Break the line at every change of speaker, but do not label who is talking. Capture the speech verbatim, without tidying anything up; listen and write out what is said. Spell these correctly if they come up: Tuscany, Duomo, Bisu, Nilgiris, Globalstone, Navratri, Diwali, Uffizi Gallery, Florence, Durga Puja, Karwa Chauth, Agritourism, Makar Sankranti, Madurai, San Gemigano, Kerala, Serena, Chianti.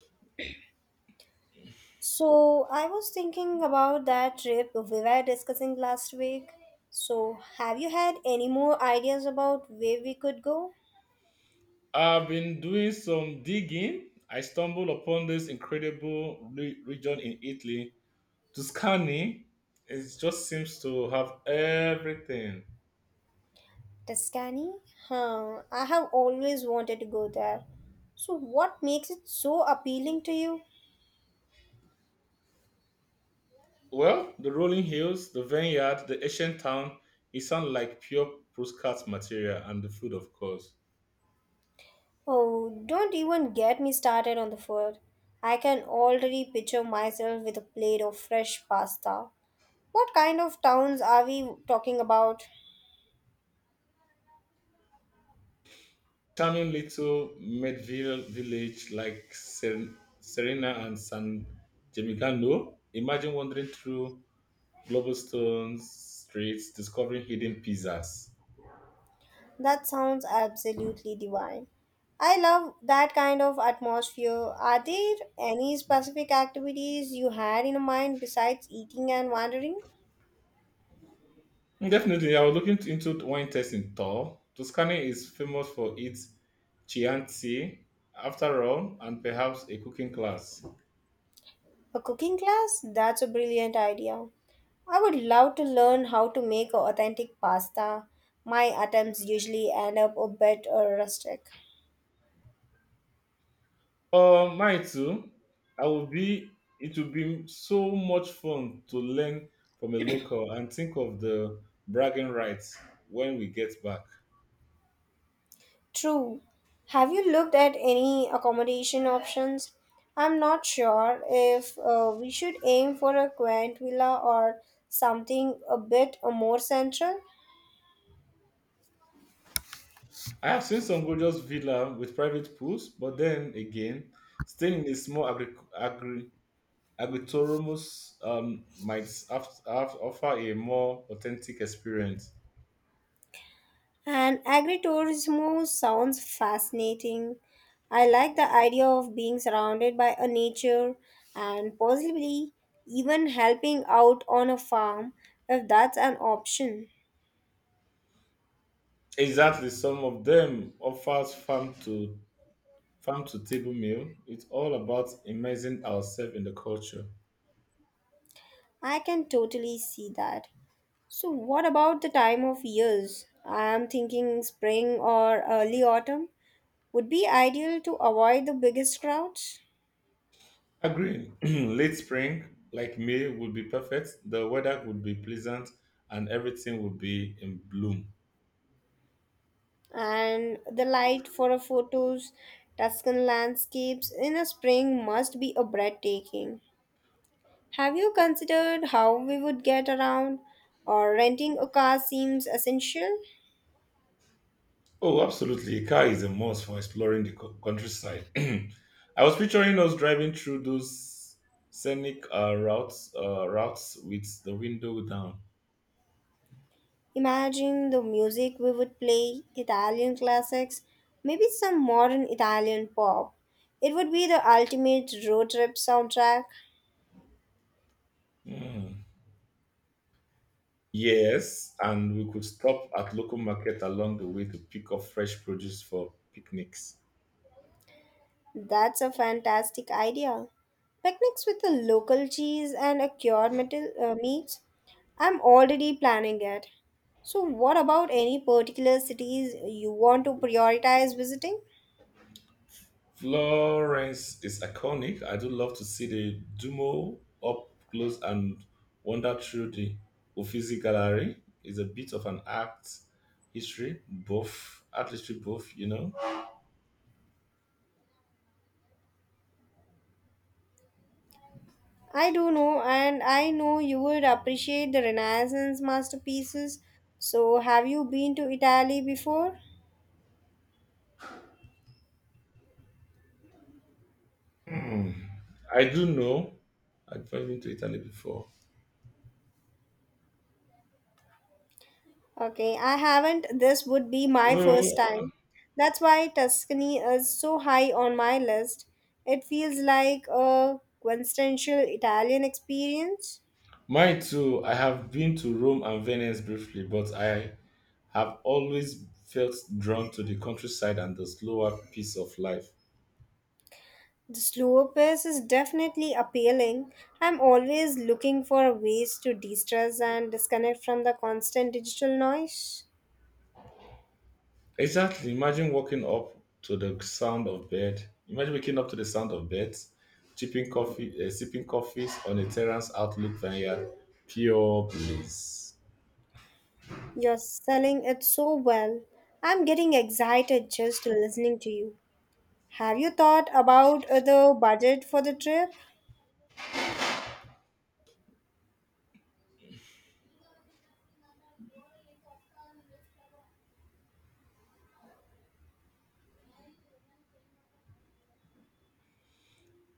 So, I was thinking about that trip we were discussing last week. So, have you had any more ideas about where we could go?
I've been doing some digging. I stumbled upon this incredible re- region in Italy, Tuscany. It just seems to have everything.
Tuscany? Huh, I have always wanted to go there. So, what makes it so appealing to you?
Well, the rolling hills, the vineyard, the ancient town, it sounds like pure postcard material, and the food, of course.
Oh, don't even get me started on the food. I can already picture myself with a plate of fresh pasta. What kind of towns are we talking about?
Charming little medieval village like Ser- Serena and San Gemigano. Imagine wandering through Globalstone's streets, discovering hidden pizzas.
That sounds absolutely divine. I love that kind of atmosphere. Are there any specific activities you had in mind besides eating and wandering?
Definitely, I was looking into wine tasting tour. Tuscany is famous for its Chianti, after all, and perhaps a cooking class.
A cooking class? That's a brilliant idea. I would love to learn how to make authentic pasta. My attempts usually end up a bit uh, rustic.
Uh, mine too. I will be. It will be so much fun to learn from a local and think of the bragging rights when we get back.
True. Have you looked at any accommodation options? I'm not sure if uh, we should aim for a quaint villa or something a bit more central.
I have seen some gorgeous villa with private pools, but then again, staying in a small agri- agri- Agritourism um, might have, have, offer a more authentic experience.
And agritourism sounds fascinating. I like the idea of being surrounded by a nature and possibly even helping out on a farm if that's an option.
Exactly, some of them offers farm to farm to table meal. It's all about immersing ourselves in the culture.
I can totally see that. So, what about the time of years? I am thinking spring or early autumn would be ideal to avoid the biggest crowds
Agreeing, late spring like May would be perfect. The weather would be pleasant, and everything would be in bloom.
and the light for a photos. Tuscan landscapes in a spring must be a breathtaking. Have you considered how we would get around or renting a car seems essential?
Oh, absolutely. A car is a must for exploring the co- countryside. I was picturing us driving through those scenic uh, routes, uh, routes with the window down.
Imagine the music we would play, Italian classics, maybe some modern Italian pop. It would be the ultimate road trip soundtrack.
Hmm. Yes, and we could stop at local market along the way to pick up fresh produce for picnics.
That's a fantastic idea. Picnics with a local cheese and a cured metal, uh, meat. I'm already planning it. So, what about any particular cities you want to prioritize visiting?
Florence is iconic. I do love to see the Duomo up close and wander through the Uffizi Gallery. It's a bit of an art history buff, art history buff, you know.
I do know, and I know you would appreciate the Renaissance masterpieces. So, have you been to Italy before?
Hmm. I do know. I've been to Italy before.
Okay, I haven't. This would be my
No,
first time. That's why Tuscany is so high on my list. It feels like a quintessential Italian experience.
mine too. I have been to Rome and Venice briefly, but I have always felt drawn to the countryside and the slower pace of life.
The slower pace is definitely appealing. I'm always looking for ways to de stress and disconnect from the constant digital noise.
Exactly. Imagine waking up to the sound of bed. Imagine waking up to the sound of beds, sipping coffee, uh, sipping coffees on a terrace outlook vineyard. Pure bliss.
You're selling it so well. I'm getting excited just listening to you. Have you thought about uh, the budget for the trip?